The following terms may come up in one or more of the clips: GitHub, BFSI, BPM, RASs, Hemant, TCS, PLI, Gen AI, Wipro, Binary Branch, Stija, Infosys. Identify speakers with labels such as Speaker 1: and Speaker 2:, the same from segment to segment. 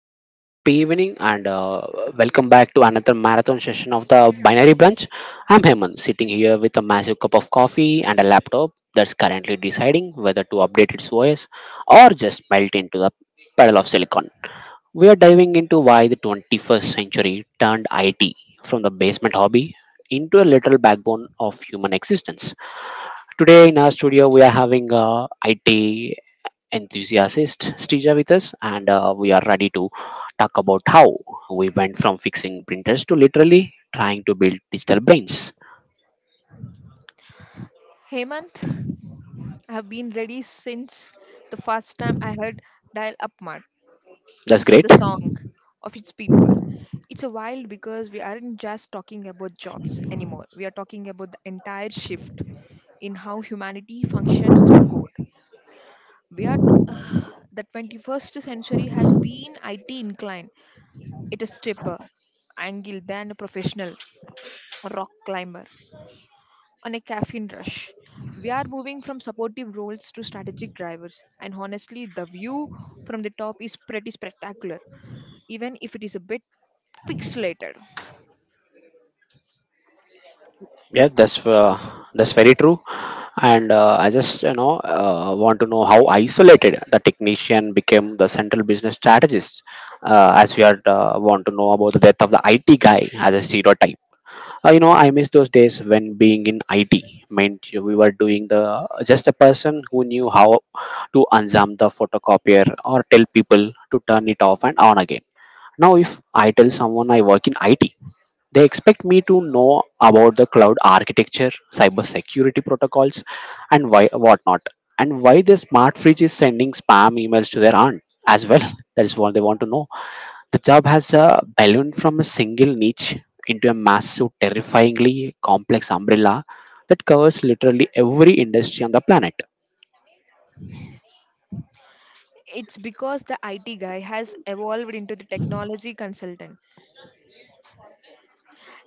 Speaker 1: Happy evening and welcome back to another marathon session of the Binary Branch. I'm Hemant, sitting here with a massive cup of coffee and a laptop that's currently deciding whether to update its OS or just melt into the puddle of silicon. We are diving into why the 21st century turned IT from the basement hobby into a literal backbone of human existence. Today in our studio, we are having IT enthusiast Stija with us, and we are ready to talk about how we went from fixing printers to literally trying to build digital brains.
Speaker 2: Hemant, I have been ready since the first time I heard Dial Up Mart
Speaker 1: That's
Speaker 2: sing
Speaker 1: great.
Speaker 2: the song of its people. It's a wild because we aren't just talking about jobs anymore. We are talking about the entire shift in how humanity functions through code. We are uh, the 21st century has been IT inclined. It is stripper, angle, than a professional, rock climber on a caffeine rush. We are moving from supportive roles to strategic drivers, and honestly, the view from the top is pretty spectacular, even if it is a bit pixelated.
Speaker 1: Yeah, that's very true. And I just want to know how isolated the technician became the central business strategist, as we are want to know about the death of the IT guy as a stereotype. Uh, you know, I miss those days when being in IT meant we were doing the, just a person who knew how to unzam the photocopier or tell people to turn it off and on again. Now if I tell someone I work in IT, they expect me to know about the cloud architecture, cybersecurity protocols, and why whatnot, and why the smart fridge is sending spam emails to their aunt as well. That is what they want to know. The job has ballooned from a single niche into a massive, terrifyingly complex umbrella that covers literally every industry on the planet.
Speaker 2: It's because the IT guy has evolved into the technology consultant.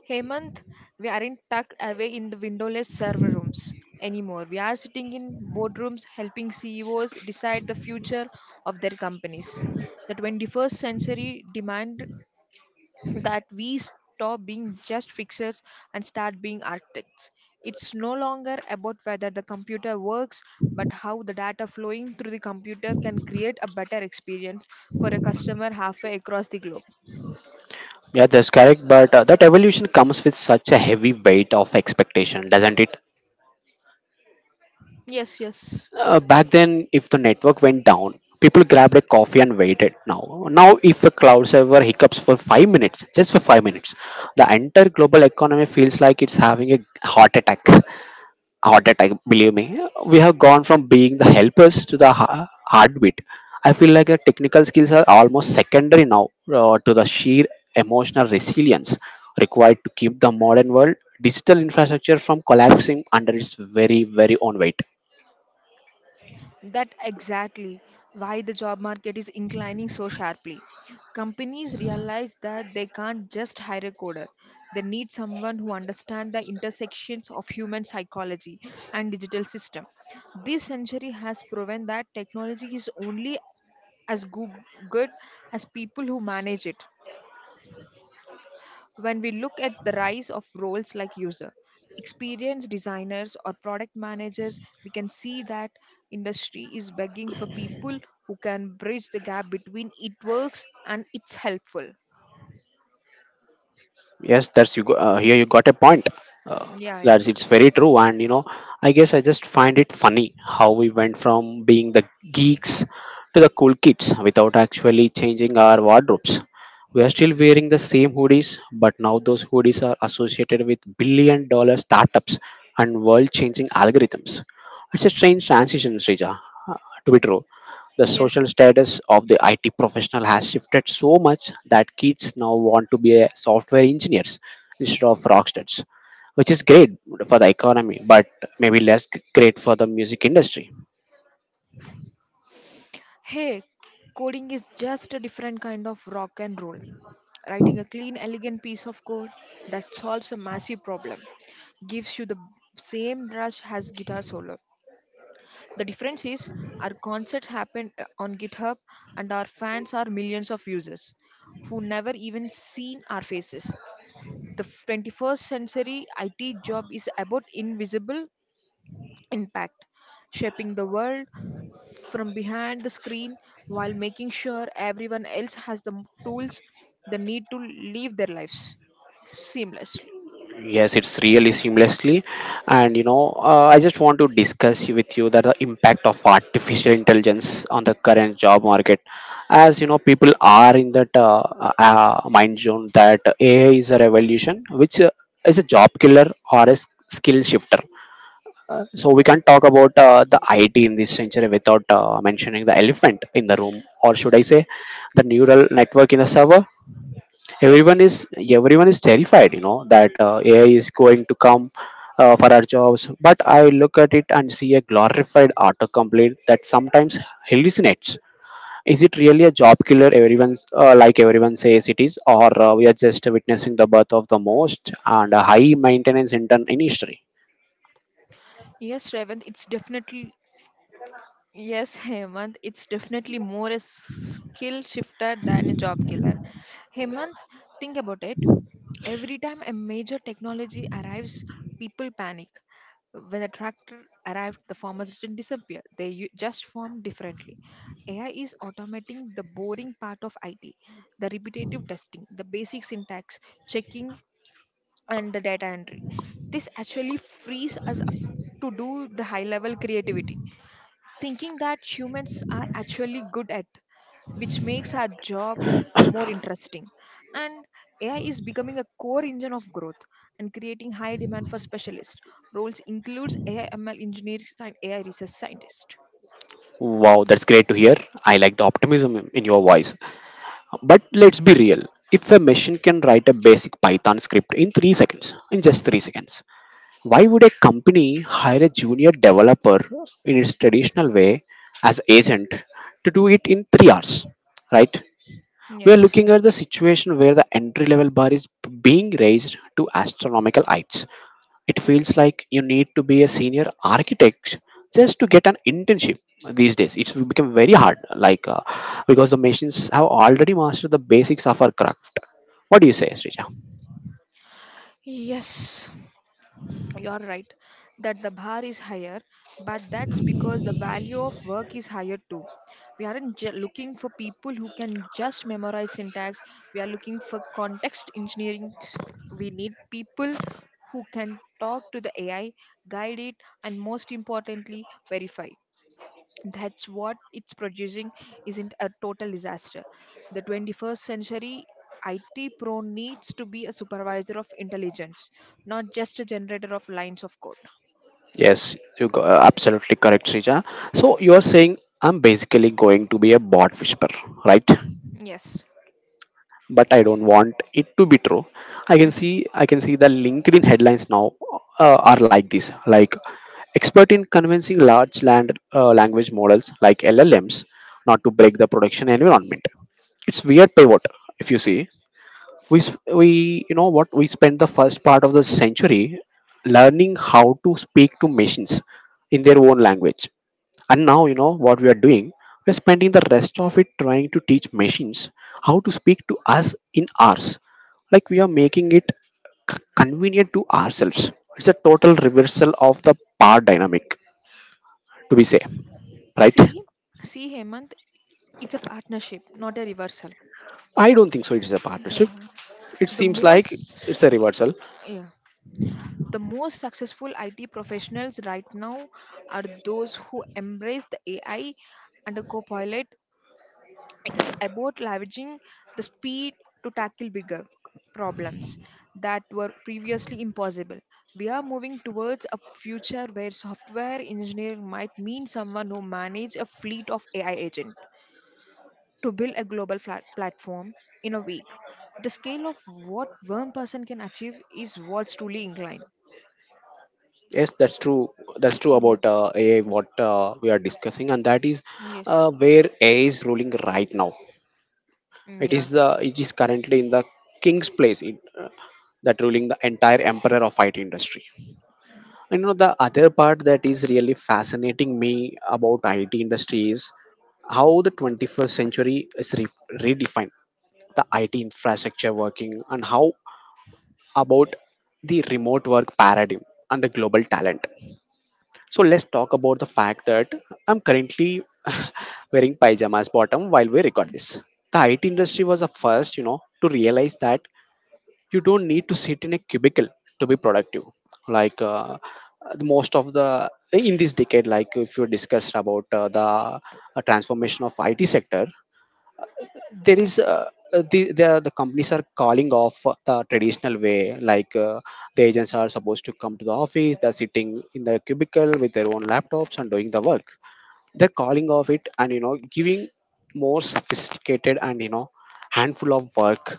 Speaker 2: Hemant, we aren't tucked away in the windowless server rooms anymore. We are sitting in boardrooms helping CEOs decide the future of their companies. The 21st century demand that we stop being just fixers and start being architects. It's no longer about whether the computer works, but how the data flowing through the computer can create a better experience for a customer halfway across the globe.
Speaker 1: Yeah, that's correct. But that evolution comes with such a heavy weight of expectation, doesn't it?
Speaker 2: Yes, yes.
Speaker 1: Back then, if the network went down, people grabbed a coffee and waited. Now, now if a cloud server hiccups for 5 minutes, just for 5 minutes, the entire global economy feels like it's having a heart attack. Heart attack, believe me, we have gone from being the helpers to the heartbeat. I feel like the technical skills are almost secondary now, to the sheer emotional resilience required to keep the modern world digital infrastructure from collapsing under its very own weight.
Speaker 2: That exactly why the job market is inclining so sharply. Companies realize that they can't just hire a coder. They need someone who understands the intersections of human psychology and digital system. This century has proven that technology is only as good as people who manage it. When we look at the rise of roles like user, experienced designers, or product managers, we can see that industry is begging for people who can bridge the gap between it works and it's helpful.
Speaker 1: Yes, that's you. Go, here you got a point. Uh,
Speaker 2: Yeah, yeah.
Speaker 1: that's it's very true, and you know, I guess I just find it funny how we went from being the geeks to the cool kids without actually changing our wardrobes. We are still wearing the same hoodies, but now those hoodies are associated with billion-dollar startups and world-changing algorithms. It's a strange transition, Srija, uh, to be true. The
Speaker 2: Yes.
Speaker 1: social status of the IT professional has shifted so much that kids now want to be a software engineers instead of rock stars, which is great for the economy, but maybe less great for the music industry.
Speaker 2: Hey, coding is just a different kind of rock and roll. Writing a clean, elegant piece of code that solves a massive problem gives you the same rush as guitar solo. The difference is our concerts happen on GitHub and our fans are millions of users who never even seen our faces. The 21st century IT job is about invisible impact, shaping the world from behind the screen while making sure everyone else has the tools they need to live their lives seamlessly.
Speaker 1: Yes, it's really seamlessly. And you know, I just want to discuss with you that the impact of artificial intelligence on the current job market. As you know, people are in that mind zone that AI is a revolution, which is a job killer or a skill shifter. So we can't talk about the IT in this century without mentioning the elephant in the room, or should I say, the neural network in the server.
Speaker 2: Yes,
Speaker 1: everyone is
Speaker 2: yes.
Speaker 1: Everyone is terrified, you know, that AI is going to come for our jobs, but I look at it and see a glorified autocomplete that sometimes hallucinates. Is it really a job killer everyone's like, everyone says it is, or we are just witnessing the birth of the most and a high maintenance intern in history?
Speaker 2: Yes, Revant, it's definitely Yes, Hemant, it's definitely more a skill shifter than a job killer. Hemant, think about it. Every time a major technology arrives, people panic. When the tractor arrived, the farmers didn't disappear. They just formed differently. AI is automating the boring part of IT, the repetitive testing, the basic syntax, checking, and the data entry. This actually frees us up to do the high level creativity thinking that humans are actually good at, which makes our job more interesting. And AI is becoming a core engine of growth and creating high demand for specialist roles includes AI ML engineers and AI research scientists.
Speaker 1: Wow, that's great to hear. I like the optimism in your voice, but let's be real. If a machine can write a basic python script in 3 seconds, in just 3 seconds, why would a company hire a junior developer in its traditional way as agent to do it in 3 hours? Right? We are
Speaker 2: Yes.
Speaker 1: looking at the situation where the entry level bar is being raised to astronomical heights. It feels like you need to be a senior architect just to get an internship these days. It's become very hard, because the machines have already mastered the basics of our craft. What do you say, Srija?
Speaker 2: Yes, you're right that the bar is higher, but that's because the value of work is higher too. We aren't looking for people who can just memorize syntax, we are looking for context engineering. We need people who can talk to the AI, guide it, and most importantly, verify that's what it's producing isn't a total disaster. The 21st century IT pro needs to be a supervisor of intelligence, not just a generator of lines of code.
Speaker 1: Yes, you go, absolutely correct, Srija. So you are saying I'm basically going to be a bot whisperer, right?
Speaker 2: Yes.
Speaker 1: But I don't want it to be true. I can see the LinkedIn headlines now are like this, like expert in convincing large land language models like LLMs not to break the production environment. It's weird pivot if you see. We s- we You know what, we spent the first part of the century learning how to speak to machines in their own language, and now, you know what we are doing, we're spending the rest of it trying to teach machines how to speak to us in ours. Like we are making it convenient to ourselves. It's a total reversal of the power dynamic, to be say. Right.
Speaker 2: See, see, Hemant, it's a partnership, not a reversal.
Speaker 1: I don't think so it's a partnership.
Speaker 2: Yeah.
Speaker 1: It
Speaker 2: The
Speaker 1: seems like
Speaker 2: most,
Speaker 1: it's a reversal.
Speaker 2: yeah, the most successful IT professionals right now are those who embrace the AI and a co-pilot. It's about leveraging the speed to tackle bigger problems that were previously impossible. We are moving towards a future where software engineering might mean someone who manages a fleet of AI agents to build a global flat platform in a week. The scale of what one person can achieve is what's truly inclined.
Speaker 1: Yes, that's true. That's true
Speaker 2: Yeah.
Speaker 1: about AI, what we are discussing, and that is
Speaker 2: Yes.
Speaker 1: where AI is ruling right now.
Speaker 2: Mm, yeah.
Speaker 1: It is currently in the king's place. It, that ruling the entire emperor of IT industry. And you know the other part that is really fascinating me about IT industry is how the 21st century is redefined the IT infrastructure working and how about the remote work paradigm and the global talent. So let's talk about the fact that I'm currently wearing pajamas bottom while we record this. The IT industry was the first, you know, to realize that you don't need to sit in a cubicle to be productive. Like uh, the most of the in this decade, like if you discussed about the transformation of IT sector, there is the companies are calling off the traditional way, the agents are supposed to come to the office, they're sitting in their cubicle with their own laptops and doing the work. They're calling off it, and you know, giving more sophisticated and you know, handful of work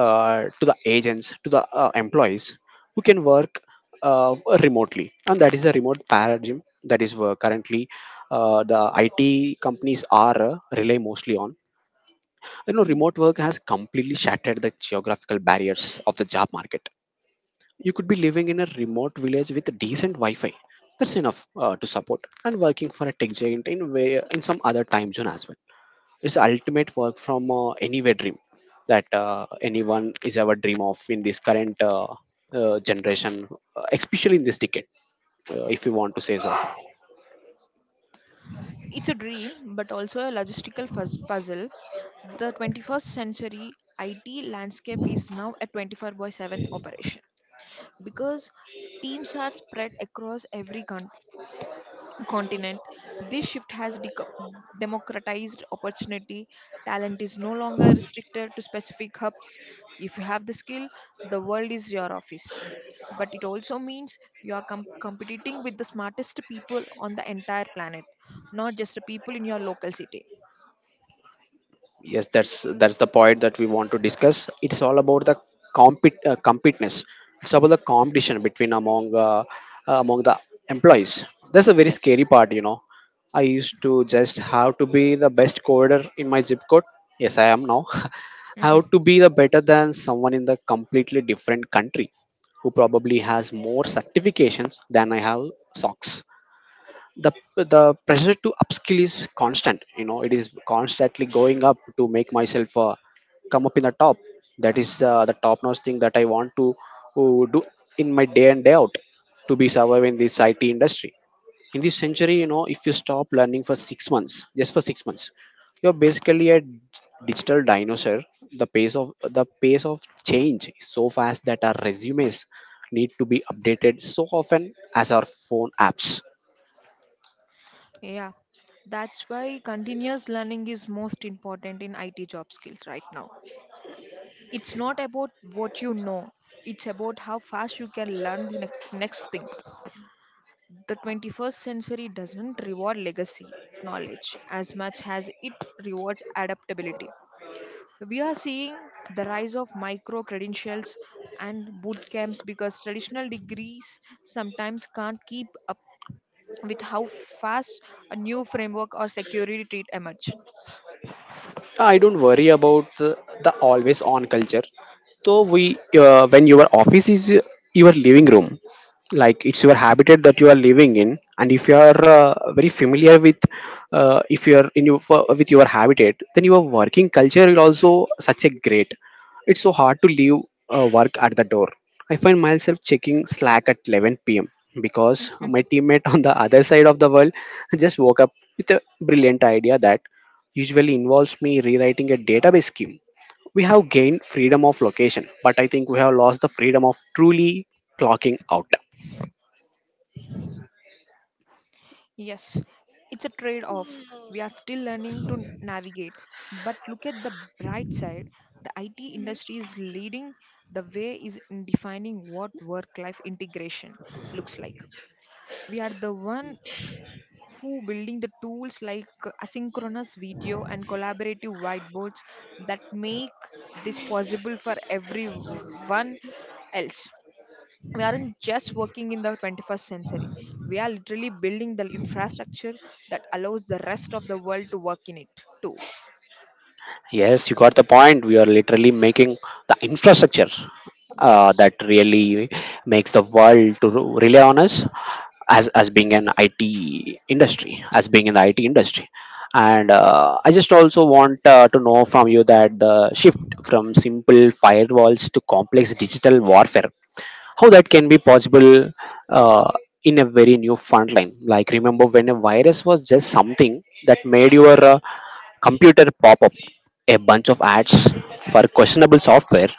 Speaker 1: to the agents, to the employees who can work uh, remotely, and that is a remote paradigm that is currently the IT companies are rely mostly on. You know, remote work has completely shattered the geographical barriers of the job market. You could be living in a remote village with decent wi-fi, that's enough to support, and working for a tech giant in way, in some other time zone as well. It's the ultimate work from anywhere dream that anyone is ever dream of in this current generation, especially in this decade, if you want to say so.
Speaker 2: It's a dream, but also a logistical puzzle. The 21st century IT landscape is now a 24 by 7 operation because teams are spread across every country continent. This shift has democratized opportunity. Talent is no longer restricted to specific hubs. If you have the skill, the world is your office. But it also means you are competing with the smartest people on the entire planet, not just the people in your local city.
Speaker 1: yes that's that's the point that we want to discuss. It's all about the competence. It's about the competition between among among the employees. That's a very
Speaker 2: Yes.
Speaker 1: scary part, you know. I used to just have to be the best coder in my zip code. Yes, I am now how
Speaker 2: Mhm.
Speaker 1: to be the better than someone in the completely different country who probably has more certifications than I have socks. The pressure to upskill is constant, you know, it is constantly going up to make myself come up in the top. That is the top notch thing that I want to do in my day and day out to be survive in this IT industry in this century. You know, if you stop learning for 6 months, just for 6 months, you're basically a digital dinosaur. the pace of the pace of change is so fast that our resumes need to be updated so often as our phone apps.
Speaker 2: Yeah. That's why continuous learning is most important in IT job skills right now. It's not about what you know, it's about how fast you can learn the next thing. The 21st century doesn't reward legacy knowledge as much as it rewards adaptability. We are seeing the rise of micro credentials and boot camps because traditional degrees sometimes can't keep up with how fast a new framework or security treat emerges.
Speaker 1: I don't worry about the always on culture. So we, when your office is your living room, like it's your habitat that you are living in, and if you are very familiar with, if you are in your with your habitat, then your working culture will also such a great. It's so hard to leave work at the door. I find myself checking Slack at 11 p.m. because my teammate on the other side of the world just woke up with a brilliant idea that usually involves me rewriting a database scheme. We have gained freedom of location, but I think we have lost the freedom of truly clocking out.
Speaker 2: Yes, it's a trade off. We are still learning to navigate. But look at the bright side, the IT industry is leading the way is in defining what work life integration looks like. We are the one who building the tools like asynchronous video and collaborative whiteboards that make this possible for everyone else. We aren't just working in the 21st century, we are literally building the infrastructure that allows the rest of the world to work in it too.
Speaker 1: Yes, you got the point. We are literally making the infrastructure
Speaker 2: Yes.
Speaker 1: that really makes the world to rely on us as being an IT industry, as being in the IT industry. And I just also want to know from you that the shift from simple firewalls to complex digital warfare, how that can be possible uh, in a very new front line. Like, remember when a virus was just something that made your computer pop up a bunch of ads for questionable software?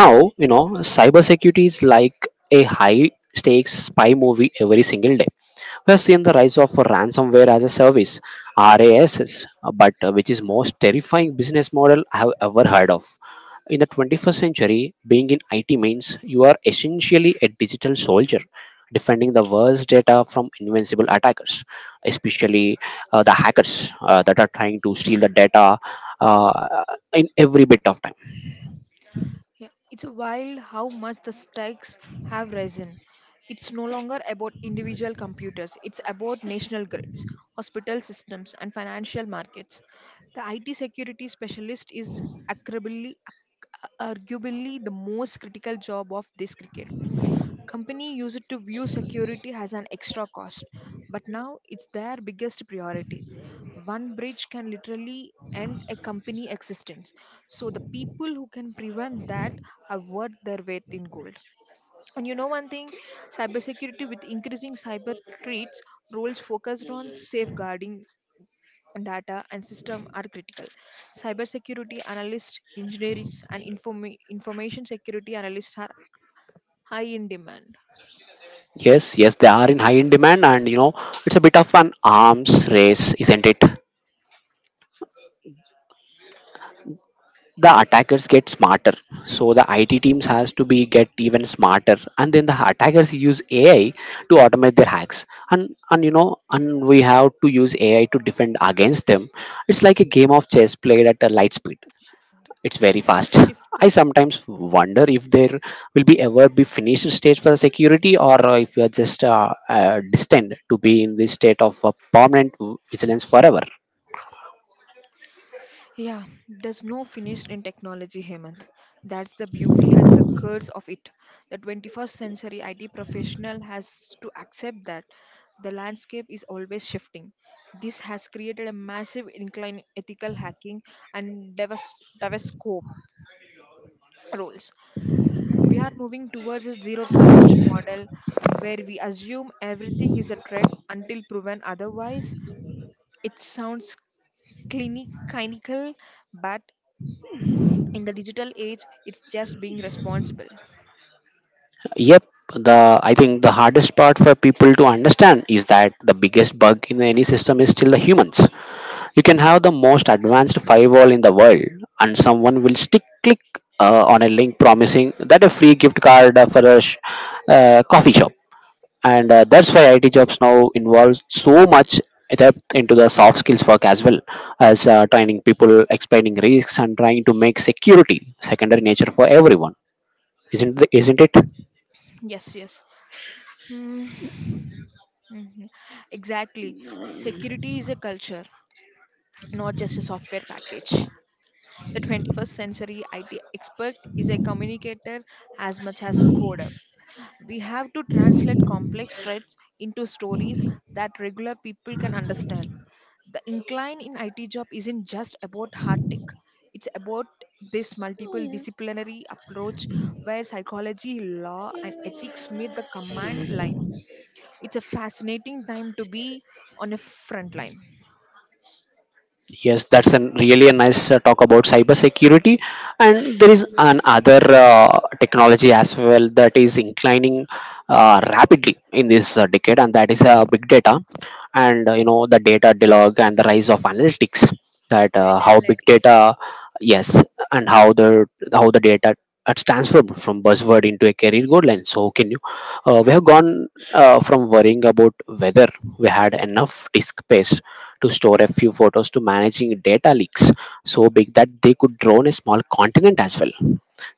Speaker 1: Now, you know, cybersecurity is like a high stakes spy movie every single day. Has seen the rise of ransomware as a service, RASs, but which is most terrifying business model I have ever heard of. In the 21st century, being in IT means you are essentially a digital soldier defending the worst data from invincible attackers, especially the hackers that are trying to steal the data, uh, in every bit of time.
Speaker 2: Yeah, it's a wild how much the stakes have risen. It's no longer about individual computers, it's about national grids, hospital systems and financial markets. The IT security specialist is arguably arguably the most critical job of this cricket. Company used to view security as an extra cost, but now it's their biggest priority. One breach can literally end a company existence. So the people who can prevent that are worth their weight in gold. And you know one thing, cybersecurity with increasing cyber threats, roles focused on safeguarding data and system are critical. Cybersecurity analysts, engineers, and information security analysts are high in demand.
Speaker 1: Yes, yes, they are in high in demand, and you know, it's a bit of an arms race, isn't it? The attackers get smarter, so the IT teams has to be get even smarter. And then the attackers use AI to automate their hacks, and you know, and we have to use AI to defend against them. It's like a game of chess played at a light speed.
Speaker 2: Shift.
Speaker 1: It's very fast.
Speaker 2: Shift.
Speaker 1: I sometimes wonder if there will be ever be finished stage for the security, or if we are just destined to be in this state of permanent vigilance forever.
Speaker 2: Yeah, there's no finish in technology, Hemant. That's the beauty and the curse of it. The 21st century IT professional has to accept that the landscape is always shifting. This has created a massive incline in ethical hacking and devascope roles. We are moving towards a zero trust model where we assume everything is a threat until proven otherwise. It sounds clinical, but in the digital age it's just being responsible.
Speaker 1: Yep, the I think the hardest part for people to understand is that the biggest bug in any system is still the humans. You can have the most advanced firewall in the world, and someone will stick click on a link promising that a free gift card for a coffee shop. And that's why IT jobs now involve so much depth into the soft skills work as well as training people, explaining risks, and trying to make security secondary nature for everyone. Isn't it?
Speaker 2: Yes, yes. Mm, mhm. Exactly, security is a culture, not just a software package. The 21st century IT expert is a communicator as much as coder. We have to translate complex threads into stories that regular people can understand. The incline in IT job isn't just about hard tech. It's about this multiple disciplinary approach where psychology, law, and ethics meet the command line. It's a fascinating time to be on a front line.
Speaker 1: Yes, that's an really a nice talk about cybersecurity, and there is another technology as well that is inclining rapidly in this decade, and that is big data. And you know, the data dialogue and the rise of analytics, that
Speaker 2: Data
Speaker 1: how big
Speaker 2: analytics.
Speaker 1: data, yes, and how the, how the data, that's transformed from buzzword into a career goal line. So can you, we have gone from worrying about whether we had enough disk space to store a few photos to managing data leaks so big that they could drown a small continent as well.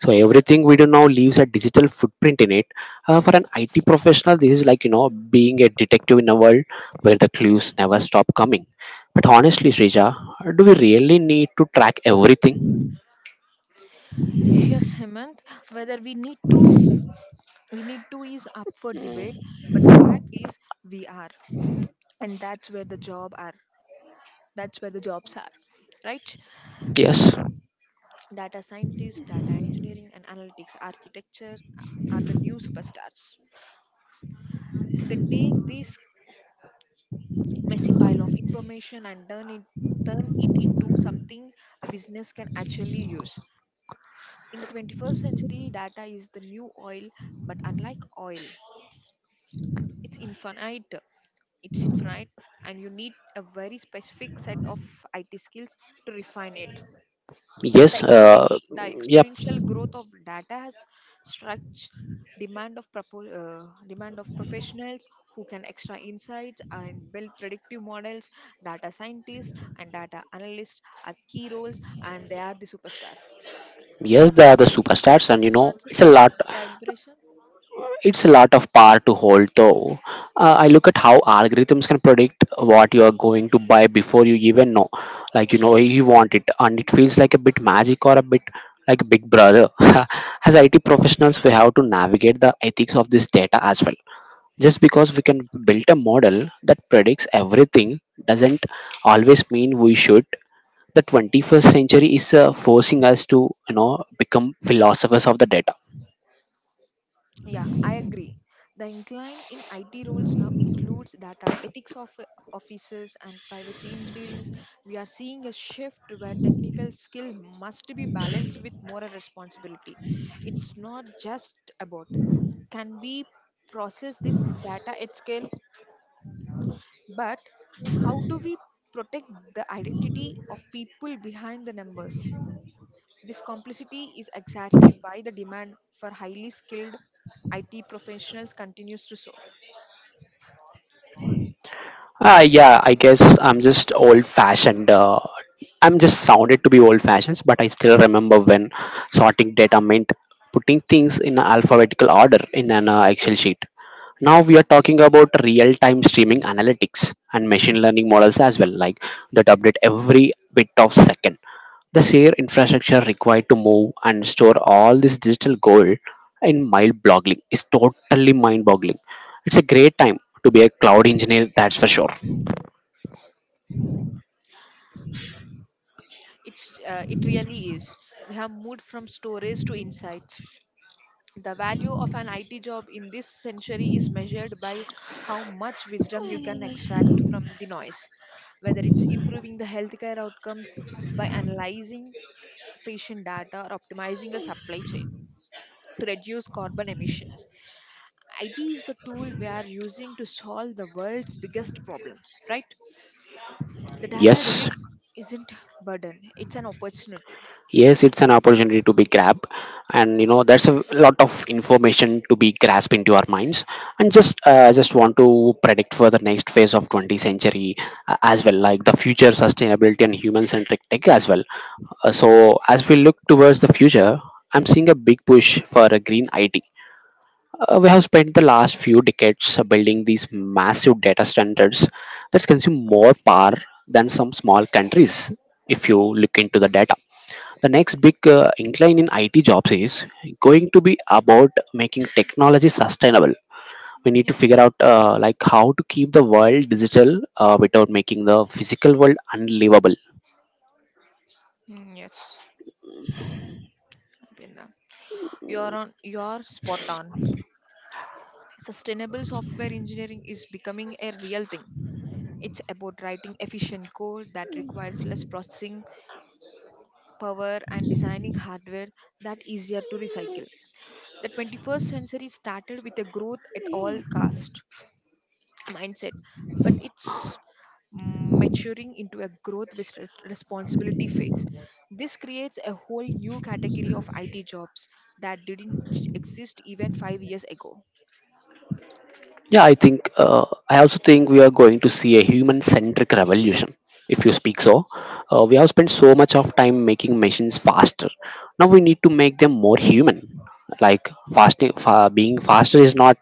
Speaker 1: So everything we do now leaves a digital footprint in it. For an IT professional, this is like, you know, being a detective in a world where the clues never stop coming. But honestly, Srija, do we really need to track everything?
Speaker 2: Yes, Hemant, whether we need to is up for debate, but the fact is we are. And that's where the job are. That's where the jobs are, right?
Speaker 1: Yes,
Speaker 2: Data scientists, data engineering, and analytics architecture are the new superstars. They take this messy pile of information and turn it into something a business can actually use. In the 21st century, data is the new oil, but unlike oil, it's infinite. It's infinite, and you need a very specific set of IT skills to refine it.
Speaker 1: yes,
Speaker 2: The
Speaker 1: yep,
Speaker 2: exponential growth of data has stretched demand of professionals who can extra insights and build predictive models. Data scientists and data analysts are key roles, and they are the superstars.
Speaker 1: yes. The superstars, and you know,
Speaker 2: Answers,
Speaker 1: it's a lot.
Speaker 2: Rashna, about the liberation?
Speaker 1: It's a lot of power to hold. Though I look at how algorithms can predict what you are going to buy before you even know. Like, you know, you want it, and it feels like a bit magic or a bit like Big Brother. As IT professionals, we have to navigate the ethics of this data as well. Just because we can build a model that predicts everything doesn't always mean we should. The 21st century is forcing us to, you know, become philosophers of the data.
Speaker 2: Yeah, I agree. The incline in IT roles now includes data ethics of officers and privacy engineerings. We are seeing a shift where technical skill must be balanced with moral responsibility. It's not just about can we process this data at scale, but how do we protect the identity of people behind the numbers? This complexity is exactly why the demand for highly skilled IT professionals continues to soar.
Speaker 1: Ah, yeah, I guess I'm just old fashioned. I'm just sounded to be old fashioned, but I still remember when sorting data meant putting things in alphabetical order in an excel sheet. Now we are talking about real time streaming analytics and machine learning models as well, like that update every bit of second. The sheer infrastructure required to move and store all this digital gold in mild blogging is totally mind boggling. It's a great time to be a cloud engineer, that's for sure.
Speaker 2: It really is. We have moved from storage to insights. The value of an IT job in this century is measured by how much wisdom you can extract from the noise, whether it's improving the healthcare outcomes by analyzing patient data or optimizing a supply chain to reduce carbon emissions. IT is the tool we are using to solve the world's biggest problems, right? The data
Speaker 1: Yes.
Speaker 2: delete isn't burden, it's an opportunity.
Speaker 1: Yes, it's an opportunity to be grabbed, and you know, there's a lot of information to be grasped into our minds. And just, I just want to predict for the next phase of 20th century as well, like the future sustainability and human-centric tech as well. So as we look towards the future, I'm seeing a big push for a green IT. We have spent the last few decades building these massive data standards that consume more power than some small countries. If you look into the data, the next big incline in IT jobs is going to be about making technology sustainable. We need to figure
Speaker 2: Yes.
Speaker 1: out like how to keep the world digital without making the physical world unlivable.
Speaker 2: Mm, yes. I've been there. You're spot on. Sustainable software engineering is becoming a real thing. It's about writing efficient code that requires less processing power and designing hardware that easier to recycle. The 21st century started with a growth at all cost mindset, but it's mm, maturing into a growth with responsibility phase. This creates a whole new category of IT jobs that didn't exist even 5 years ago.
Speaker 1: Yeah, I think I also think we are going to see a human-centric revolution. If you speak so, we have spent so much of time making machines faster. Now we need to make them more human. Like being faster is not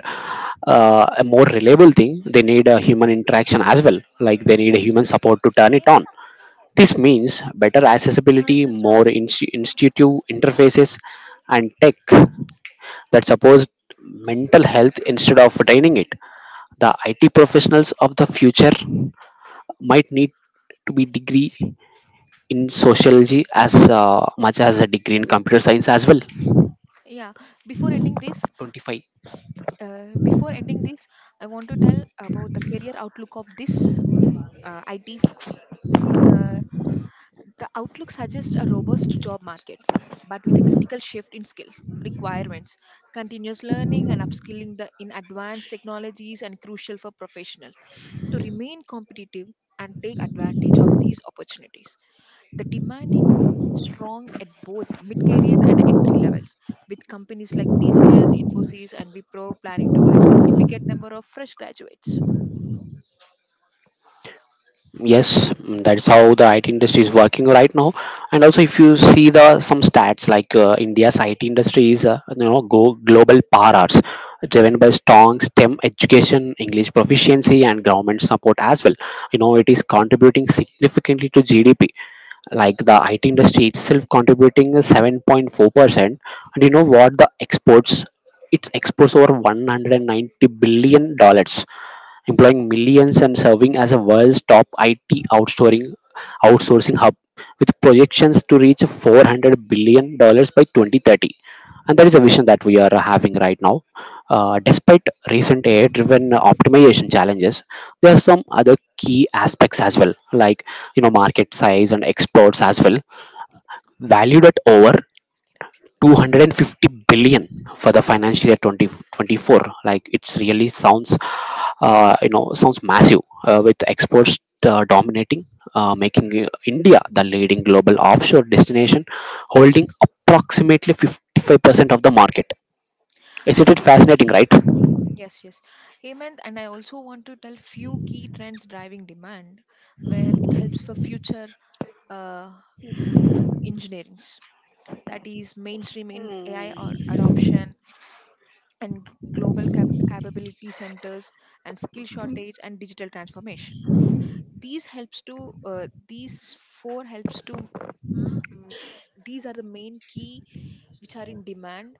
Speaker 1: a more reliable thing. They need a human interaction as well. Like they need a human support to turn it on. This means better accessibility,
Speaker 2: Answers
Speaker 1: more
Speaker 2: last.
Speaker 1: institutive
Speaker 2: Last.
Speaker 1: interfaces, and tech that supports mental health instead of training it. The IT professionals of the
Speaker 2: Calibration,
Speaker 1: future might need to be
Speaker 2: calibration.
Speaker 1: degree in sociology as much as a degree in computer science as well.
Speaker 2: Yeah, before ending this
Speaker 1: 25.
Speaker 2: before ending this I want to tell about the career outlook of this IT. The outlook suggests a robust job market, but with a critical shift in skill requirements. Continuous learning and upskilling in advanced technologies and crucial for professionals to remain competitive and take advantage of these opportunities. The demanding strong at both mid-career and entry levels, with companies like TCS, Infosys, and Wipro planning to hire significant number of fresh graduates.
Speaker 1: Yes, mm, that's how the IT industry is working right now. And also if you see the some stats, like India's IT industry is, you know, go global powers driven by strong STEM education, English proficiency, and government support as well. You know, it is contributing significantly to GDP. Like the IT industry itself contributing a 7.4%. And you know what? The exports, its exports over 190 dollars, employing millions and serving as a world's top IT outsourcing outsourcing hub, with projections to reach 400 dollars by 2030. And that is a vision that we are having right now. Despite recent AI-driven optimization challenges, there are some other key aspects as well, like, you know, market size and exports as well, valued at over 250 billion for the financial year 2024. Like, it's really sounds, you know, sounds massive, with exports dominating, making India the leading global offshore destination, holding approximately 55% of the market. Isn't it fascinating, right?
Speaker 2: Yes, yes. Hemant, and I also want to tell few key trends driving demand where it helps for future uh, engineerings. That is mainstream in AI or adoption and global capability centers and skill shortage and digital transformation. These helps to these four helps to, these are the main key which are in demand.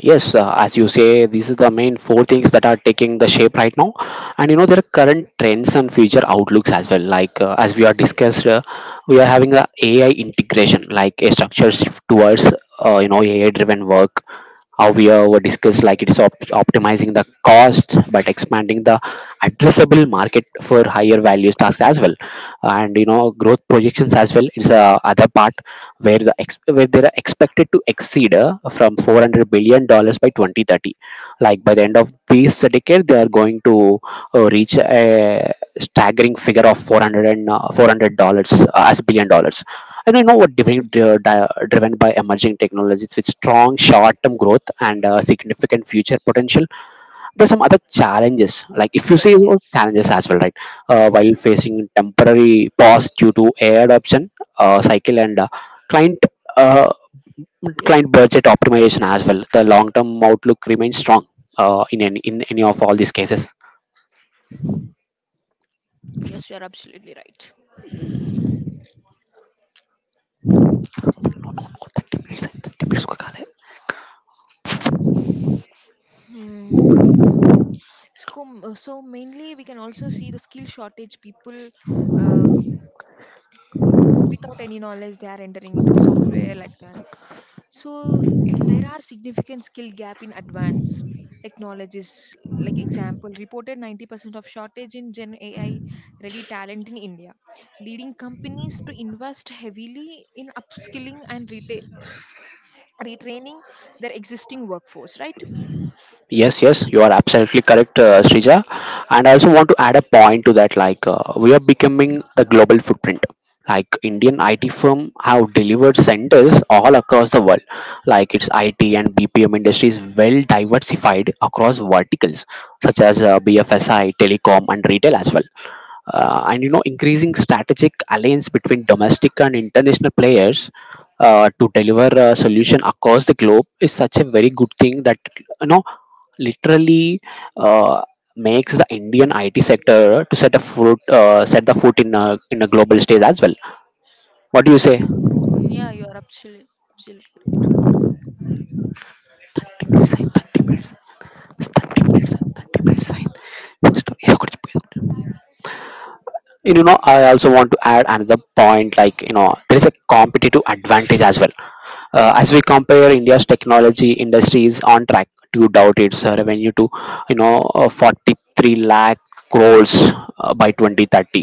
Speaker 1: Yes, as you say, these are the main four things that are taking the shape right now. And you know, there are current trends and future outlooks as well. Like, as we are discussed, we are having a AI integration, like a structure shift towards, you know, AI driven work. How we were discussed, like it's optimizing the cost but expanding the addressable market for higher values tasks as well. And you know, growth projections as well is other part, where the where they are expected to exceed from 400 dollars by 2030. Like by the end of this decade, they are going to reach a staggering figure of 400, and $400, as dollars. And you know what,
Speaker 2: Mm.
Speaker 1: driven by emerging technologies with strong short-term growth and significant future potential. There's some other challenges, like if you see
Speaker 2: Yes,
Speaker 1: those
Speaker 2: yes,
Speaker 1: challenges as well, right? While facing temporary pause due to AI adoption cycle and client uh, client budget optimization as well, the long-term outlook remains strong in any of all these cases.
Speaker 2: yes. You are absolutely right.
Speaker 1: No, no, no, 30 minutes, 30 minutes ko kale.
Speaker 2: Hmm. So, so mainly we can also see the skill shortage. People uh, without any knowledge they are entering into the software like that. So there are significant skill gap in advanced technologies. Like example, reported 90% of shortage in Gen AI ready talent in India, leading companies to invest heavily in upskilling and retraining their existing workforce. Right?
Speaker 1: Yes, yes, you are absolutely correct, Srija. And I also want to add a point to that. Like we are becoming the global footprint. Like Indian
Speaker 2: Mm.
Speaker 1: IT firm have delivered centers all across the world. Like its IT and BPM industry is well diversified across verticals such as BFSI, telecom, and retail as well. And you know, increasing strategic alliance between domestic and international players to deliver a solution across the globe is such a very good thing that, you know, literally uh, makes the Indian IT sector to set a foot, set the foot in a global stage as well. What do you say?
Speaker 2: Yeah, you are absolutely right.
Speaker 1: 30 minutes, అయింది, 30 minutes, 30 minutes, 30 minutes. అయింది. Next, yeah, you know, I also want to add another point, like, you know, there is a competitive advantage as well. As we compare, India's technology industry is on track to doubt its revenue to, you know, 43 lakh crores by 2030.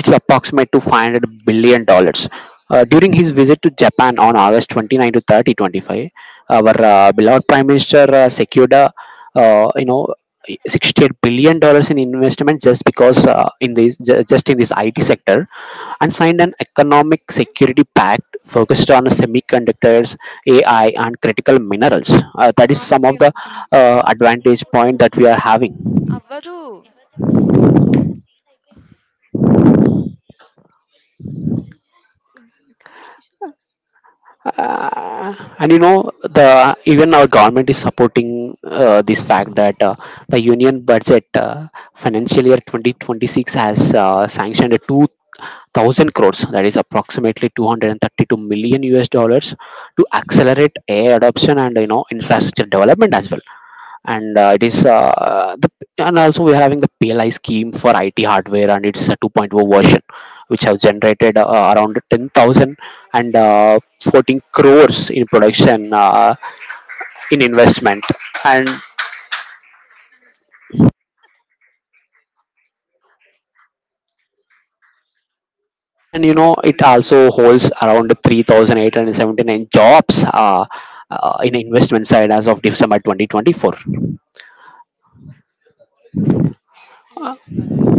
Speaker 1: It's approximate to 500 dollars. During his visit to Japan on August 29 to 30, 25, our beloved Prime Minister secured, a, you know, 68 dollars in investment, just because just in this IT sector, and signed an economic security pact focused on semiconductors, AI, and critical minerals. That is
Speaker 2: Agu
Speaker 1: some of the
Speaker 2: Priyanka.
Speaker 1: advantage point that we are having.
Speaker 2: Avvadu.
Speaker 1: Uh, and you know, the even our government is supporting this fact that the union budget financial year 2026 has sanctioned a 2,000 crores, that is approximately 232 million US dollars, to accelerate AI adoption and, you know, infrastructure development as well. And it is and also we're having the PLI scheme for IT hardware, and it's a 2.0 version which have generated around 10,000 and 14 crores in production, in investment. and and you know, it also holds around 3,879 jobs, in investment side as of December 2024.
Speaker 2: Yes, you are right.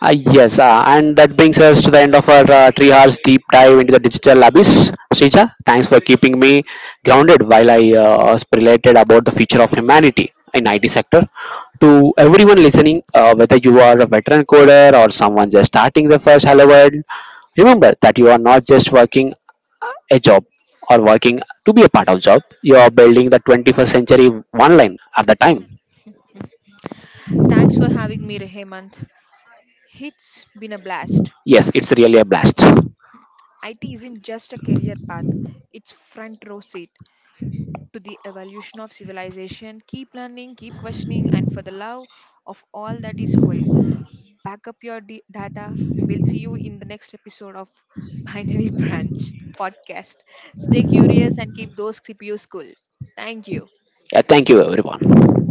Speaker 1: Yes, and that brings us to the end of our 3 hours deep dive into the digital abyss. Srija, thanks for keeping me grounded while I speculated about the future of humanity in IT sector. To everyone listening, whether you are a veteran coder or someone just starting their first Hello World, remember that you are not just working a job or working to be a part of job. You are building the 21st century one line at the time.
Speaker 2: Thanks for having me, Hemant. It's been a blast.
Speaker 1: Yes, it's really a blast.
Speaker 2: IT isn't just a career path, it's front row seat to the evolution of civilization. Keep learning, keep questioning, and for the love of all that is holy, back up your data. We'll see you in the next episode of Binary Branch podcast. Stay curious and keep those CPUs cool. Thank you.
Speaker 1: Yeah, thank you, everyone.